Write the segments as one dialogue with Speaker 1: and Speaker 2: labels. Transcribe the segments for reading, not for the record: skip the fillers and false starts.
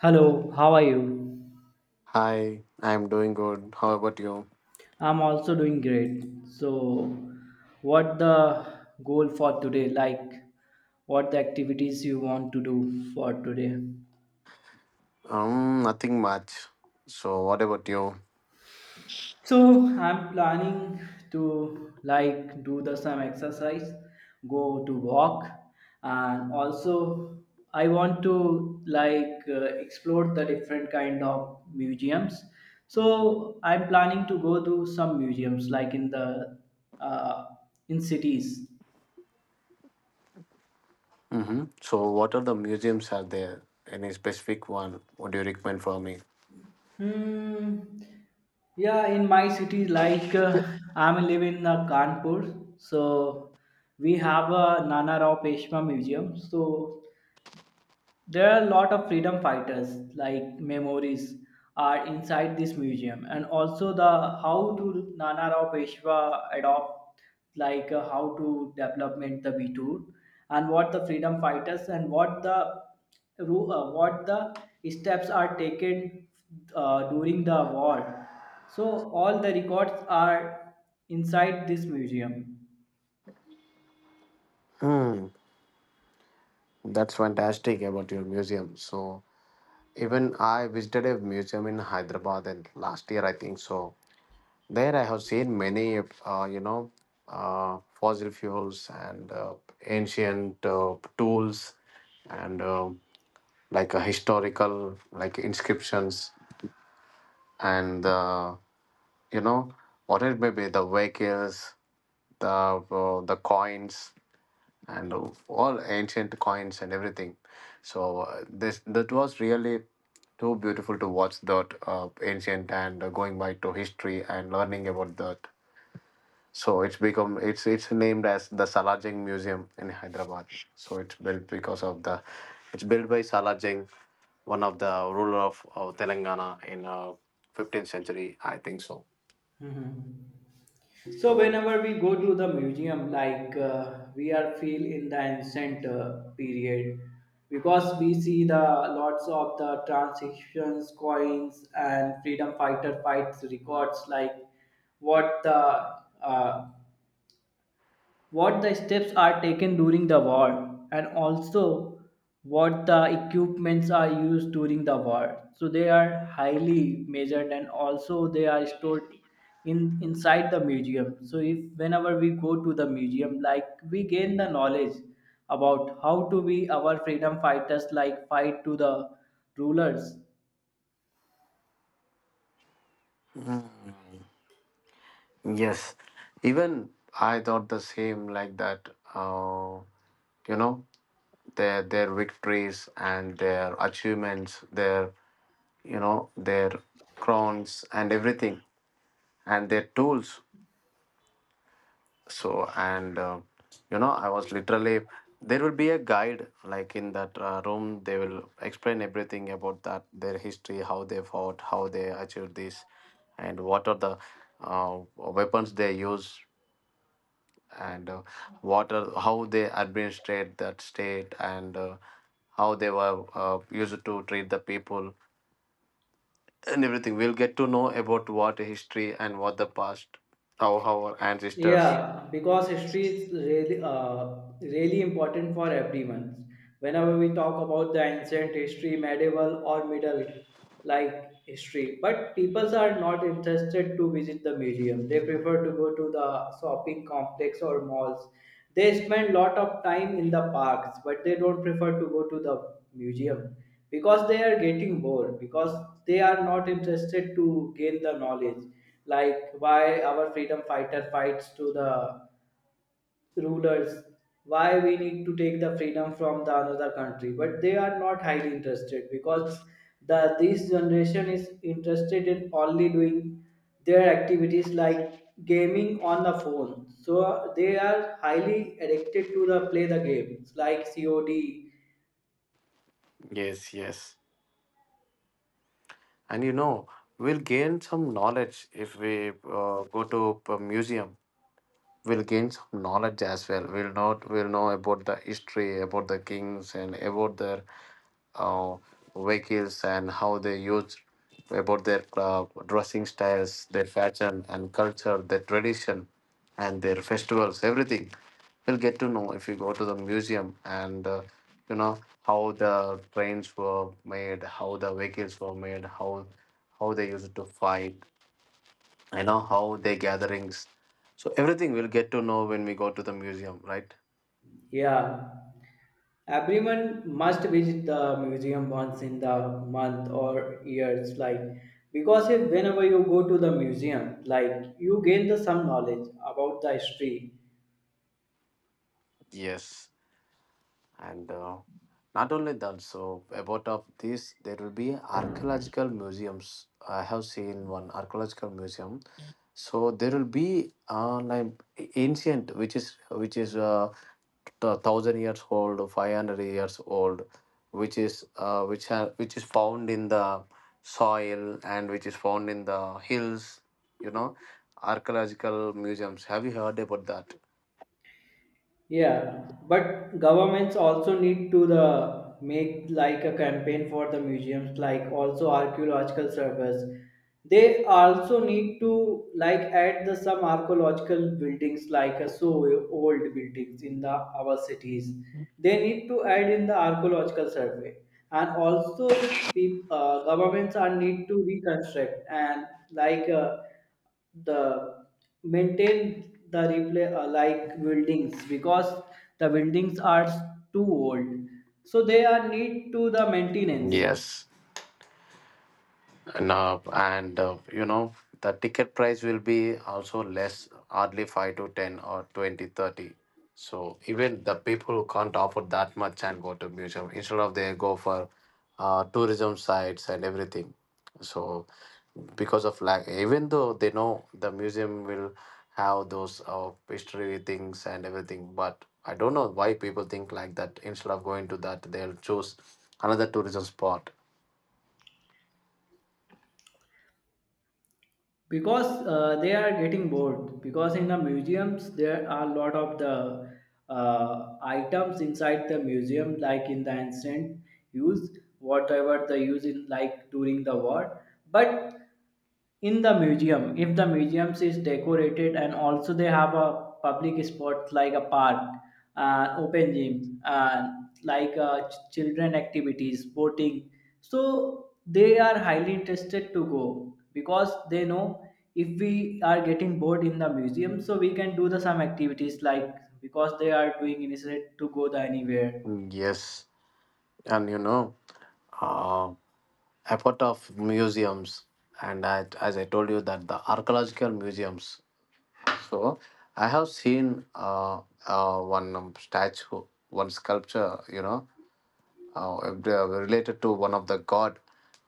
Speaker 1: Hello, how are you?
Speaker 2: Hi, I'm doing good. How about you?
Speaker 1: I'm also doing great. So, what the goal for today? Like, what the activities you want to do for today?
Speaker 2: Nothing much. So, what about you?
Speaker 1: So I'm planning to like do the some exercise, go to walk, and also I want to like explore the different kind of museums. So I'm planning to go to some museums like in the uh, in cities.
Speaker 2: Mm-hmm. So, what are the museums are there? Any specific one? What do you recommend for me?
Speaker 1: Hmm. Yeah, in my city, like I'm living in Kanpur, so we have a Nana Rao Peshwa Museum. So there are a lot of freedom fighters like memories are inside this museum and also the how to nana rao peshwa adopt like how to development the b2 and what the freedom fighters and what the what the steps are taken during the war, so all the records are inside this museum.
Speaker 2: That's fantastic about your museum. So, even I visited a museum in Hyderabad and last year, I think so. There, I have seen many, fossil fuels and ancient tools and like a historical like inscriptions and you know what it may be the vehicles the coins and all ancient coins and everything. So this that was really too beautiful to watch that ancient and going back to history and learning about that. So it's become it's named as the Salajing Museum in Hyderabad. So it's built because of the it's built by Salajing, one of the ruler of Telangana in 15th century, I think so.
Speaker 1: So
Speaker 2: So
Speaker 1: whenever we go to the museum, like we are feel in the ancient period, because we see the lots of the transactions, coins, and freedom fighter fights records, like what the uh, what the steps are taken during the war, and also what the equipments are used during the war, so they are highly measured and also they are stored in inside the museum. So if whenever we go to the museum, like we gain the knowledge about how to be our freedom fighters like fight to the rulers.
Speaker 2: yes, even I thought the same like that. Uh, you know, their victories and their achievements, their their crowns and everything, and their tools. So and I was literally there will be a guide like in that room. They will explain everything about that their history, how they fought, how they achieved this, and what are the weapons they use, and what are how they administrate that state and how they were used to treat the people and everything. We'll get to know about what history and what the past, how our ancestors.
Speaker 1: Yeah, because history is really really important for everyone. Whenever we talk about the ancient history, medieval or middle like history, but people are not interested to visit the museum. They prefer to go to the shopping complex or malls. They spend lot of time in the parks, but they don't prefer to go to the museum because they are getting bored because they are not interested to gain the knowledge like why our freedom fighter fights to the rulers, why we need to take the freedom from the another country, but they are not highly interested because the this generation is interested in only doing their activities like gaming on the phone, so they are highly addicted to the play the games like cod.
Speaker 2: Yes, yes, and we'll gain some knowledge if we go to a museum. We'll gain some knowledge as well, we'll not we'll know about the history about the kings and about their uh, vehicles and how they used, about their dressing styles, their fashion and culture, their tradition and their festivals, everything. We'll get to know if you go to the museum and how the trains were made, how the vehicles were made, how they used to fight. I know how their gatherings. So everything we'll get to know when we go to the museum, right?
Speaker 1: Yeah. Everyone must visit the museum once in the month or years, like because if whenever you go to the museum, like you gain the some knowledge about the history.
Speaker 2: Yes, and not only that, so about of this there will be archaeological museums. I have seen one archaeological museum. So there will be like ancient which is thousand years old, 500 years old, which is found in the soil and which is found in the hills. You know, archaeological museums. Have you heard about that?
Speaker 1: Yeah, but governments also need to the make like a campaign for the museums, like also archaeological surveys. They also need to like add the some archaeological buildings like a so old buildings in the our cities. They need to add in the archaeological survey, and also governments are need to reconstruct and like. The maintain the replay like buildings because the buildings are too old, so they are need to the maintenance
Speaker 2: Yes. No, and the ticket price will be also less, hardly 5 to 10 or 20 30. So even the people who can't afford that much and go to museum, instead of they go for tourism sites and everything. So because of lack, even though they know the museum will have those history things and everything, but I don't know why people think like that. Instead of going to that, they'll choose another tourism spot.
Speaker 1: because they are getting bored because in the museums there are a lot of the items inside the museum like in the ancient use whatever the use in like during the war. But in the museum, if the museums is decorated and also they have a public spot like a park, open gym, children activities, boating, so they are highly interested to go because they know if we are getting bored in the museum, so we can do the some activities like because they are doing initiative to go the anywhere.
Speaker 2: Mm, yes, and uh, effort of museums. And I, as I told you that the archaeological museums. So I have seen one statue, one sculpture, related to one of the god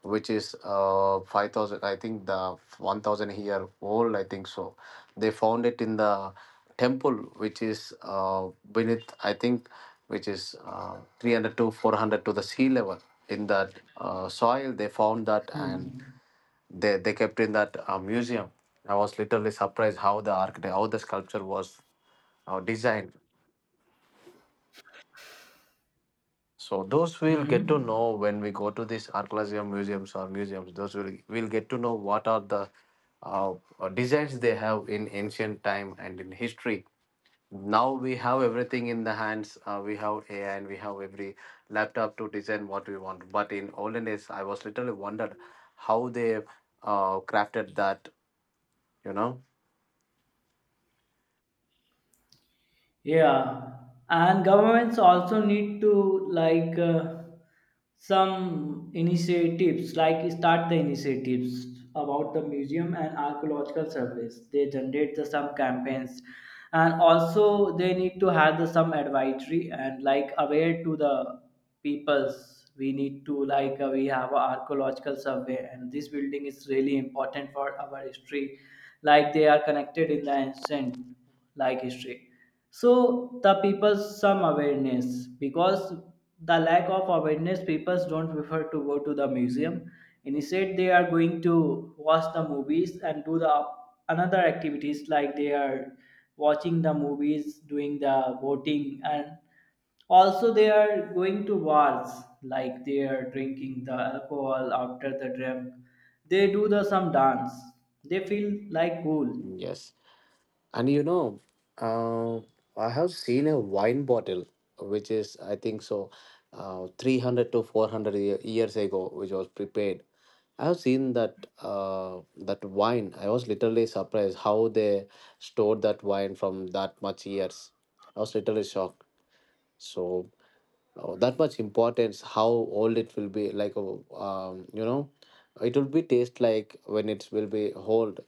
Speaker 2: which is 5,000, I think the 1000 year old I think so. They found it in the temple which is beneath I think, which is 300 to 400 to the sea level. In that soil they found that, and they kept in that museum. I was literally surprised how the architect, how the sculpture was designed. So those we'll get
Speaker 1: Mm-hmm.
Speaker 2: to know when we go to these archaeological museums or museums. Those will we'll get to know what are the uh, designs they have in ancient time and in history. Now we have everything in the hands. We have AI and we have every laptop to design what we want. But in olden days, I was literally wondered how they crafted that. You know,
Speaker 1: Yeah, and governments also need to like some initiatives, like start the initiatives about the museum and archaeological service. They generate the some campaigns, and also they need to have the some advisory and like aware to the peoples. We need to like we have a archaeological survey, and this building is really important for our history. Like they are connected in the ancient like history, so the people some awareness because the lack of awareness people don't prefer to go to the museum, instead they are going to watch the movies and do the another activities like they are watching the movies, doing the voting, and also they are going to bars like they are drinking the alcohol. After the drink, they do the some dance, they feel like cool.
Speaker 2: yes. And you know, uh, I have seen a wine bottle, which is, I think so, 300 to 400 years ago, which was prepared. I have seen that that wine. I was literally surprised how they stored that wine from that much years. I was literally shocked. So that much importance, how old it will be, like it will be taste like when it will be old.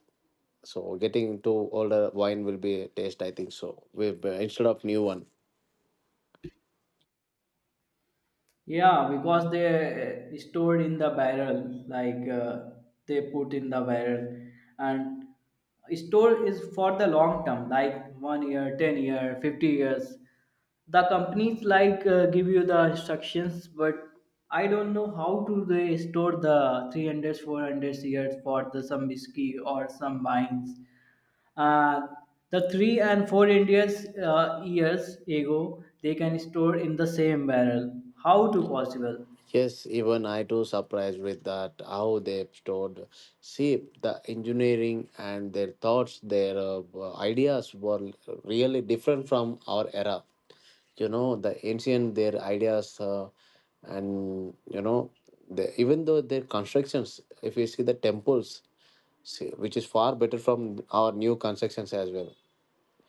Speaker 2: So getting into older wine will be a taste, I think so. With instead of new one.
Speaker 1: Yeah, because they stored in the barrel, like they put in the barrel, and store is for the long term, like 1 year, 10 year, 50 years. The companies like give you the instructions, but I don't know how to they store the 300, 400 years for the some whiskey or some wines. Uh, the three and four Indians years ago, they can store in the same barrel. How to possible?
Speaker 2: Yes, even I too surprised with that how they stored. See the engineering and their thoughts, their ideas were really different from our era. You know the ancient their ideas and you know the, even though their constructions. If you see the temples, see, which is far better from our new constructions as well.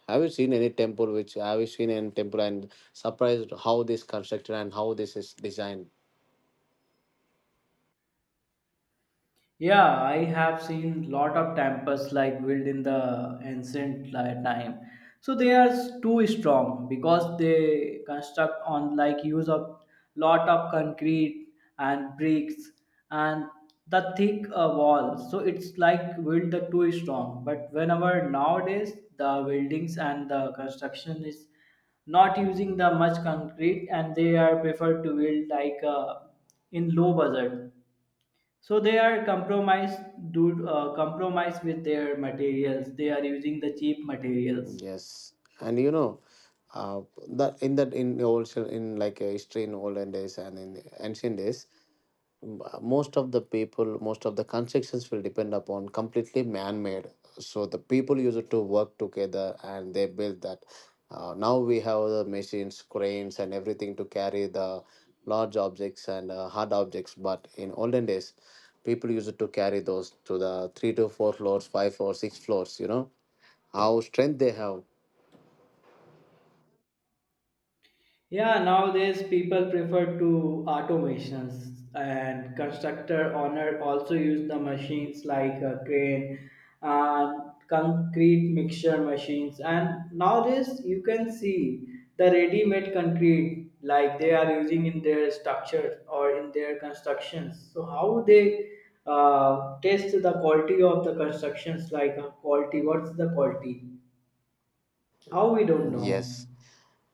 Speaker 2: Have you seen any temple and surprised how this constructed and how this is designed?
Speaker 1: Yeah, I have seen lot of temples like built in the ancient time. So they are too strong because they construct on like use of lot of concrete and bricks and the thick wall. So it's like build the too strong. But whenever nowadays the buildings and the construction is not using the much concrete and they are preferred to build like in low budget, so they are compromised, do compromise with their materials, they are using the cheap materials.
Speaker 2: Yes, and you know, uh, that in the old in like history, in olden days and in ancient days, most of the people, most of the constructions will depend upon completely man-made. So the people used to work together and they build that. Now we have the machines, cranes, and everything to carry the large objects and hard objects. But in olden days, people used to carry those to the three to four floors, five or six floors. You know how strength they have.
Speaker 1: Yeah, nowadays people prefer to automations and constructor owner also use the machines like a crane and concrete mixture machines, and nowadays you can see the ready-made concrete like they are using in their structures or in their constructions. So how they test the quality of the constructions like quality, what's the quality? How we don't
Speaker 2: Yes,
Speaker 1: know.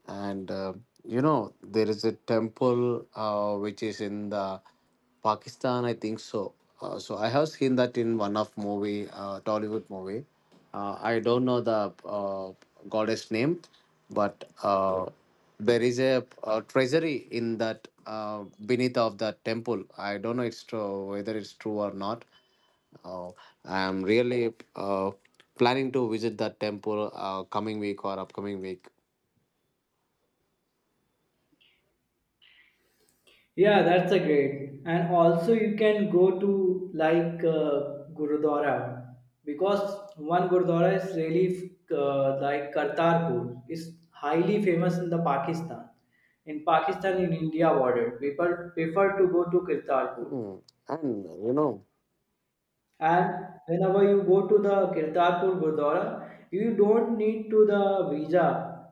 Speaker 2: and there is a temple which is in the pakistan I think so. So I have seen that in one of movie tollywood movie. I don't know the goddess name, but there is a, treasury in that beneath of that temple. I don't know it's true, whether it's true or not. uh, I am really planning to visit that temple coming week or upcoming week.
Speaker 1: Yeah, that's a great. And also you can go to like Gurudwara because one Gurudwara is really like Kartarpur. It's highly famous in the Pakistan. In Pakistan, in India border, people prefer to go to Kartarpur.
Speaker 2: Hmm. And you know,
Speaker 1: And whenever you go to the Kirtarpur Gurdwara, you don't need to the visa.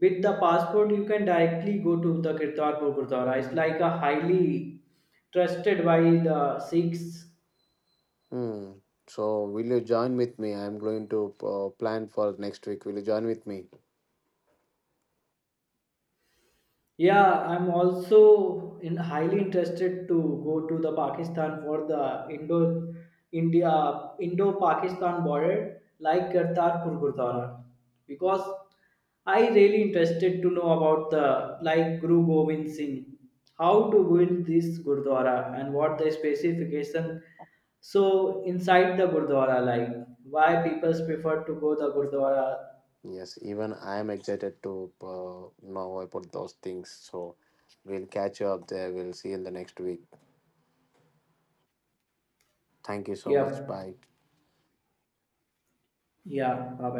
Speaker 1: With the passport you can directly go to the kirtarpur gurdwara. It's like a highly trusted by the sikhs.
Speaker 2: hmm. So will you join with me? I'm going to plan for next week. Will you join with me?
Speaker 1: Yeah, I'm also in highly interested to go to the Pakistan for the Indo India Indo Pakistan border like Kartarpur Gurdwara because I really interested to know about the like Guru Gobind Singh, how to build this Gurdwara and what the specification, so inside the Gurdwara, like why people prefer to go the Gurdwara.
Speaker 2: Yes, even I am excited to know about those things. So we'll catch you up there. We'll see you in the next week. Thank you so much. Bye.
Speaker 1: Yep. Yeah. Bye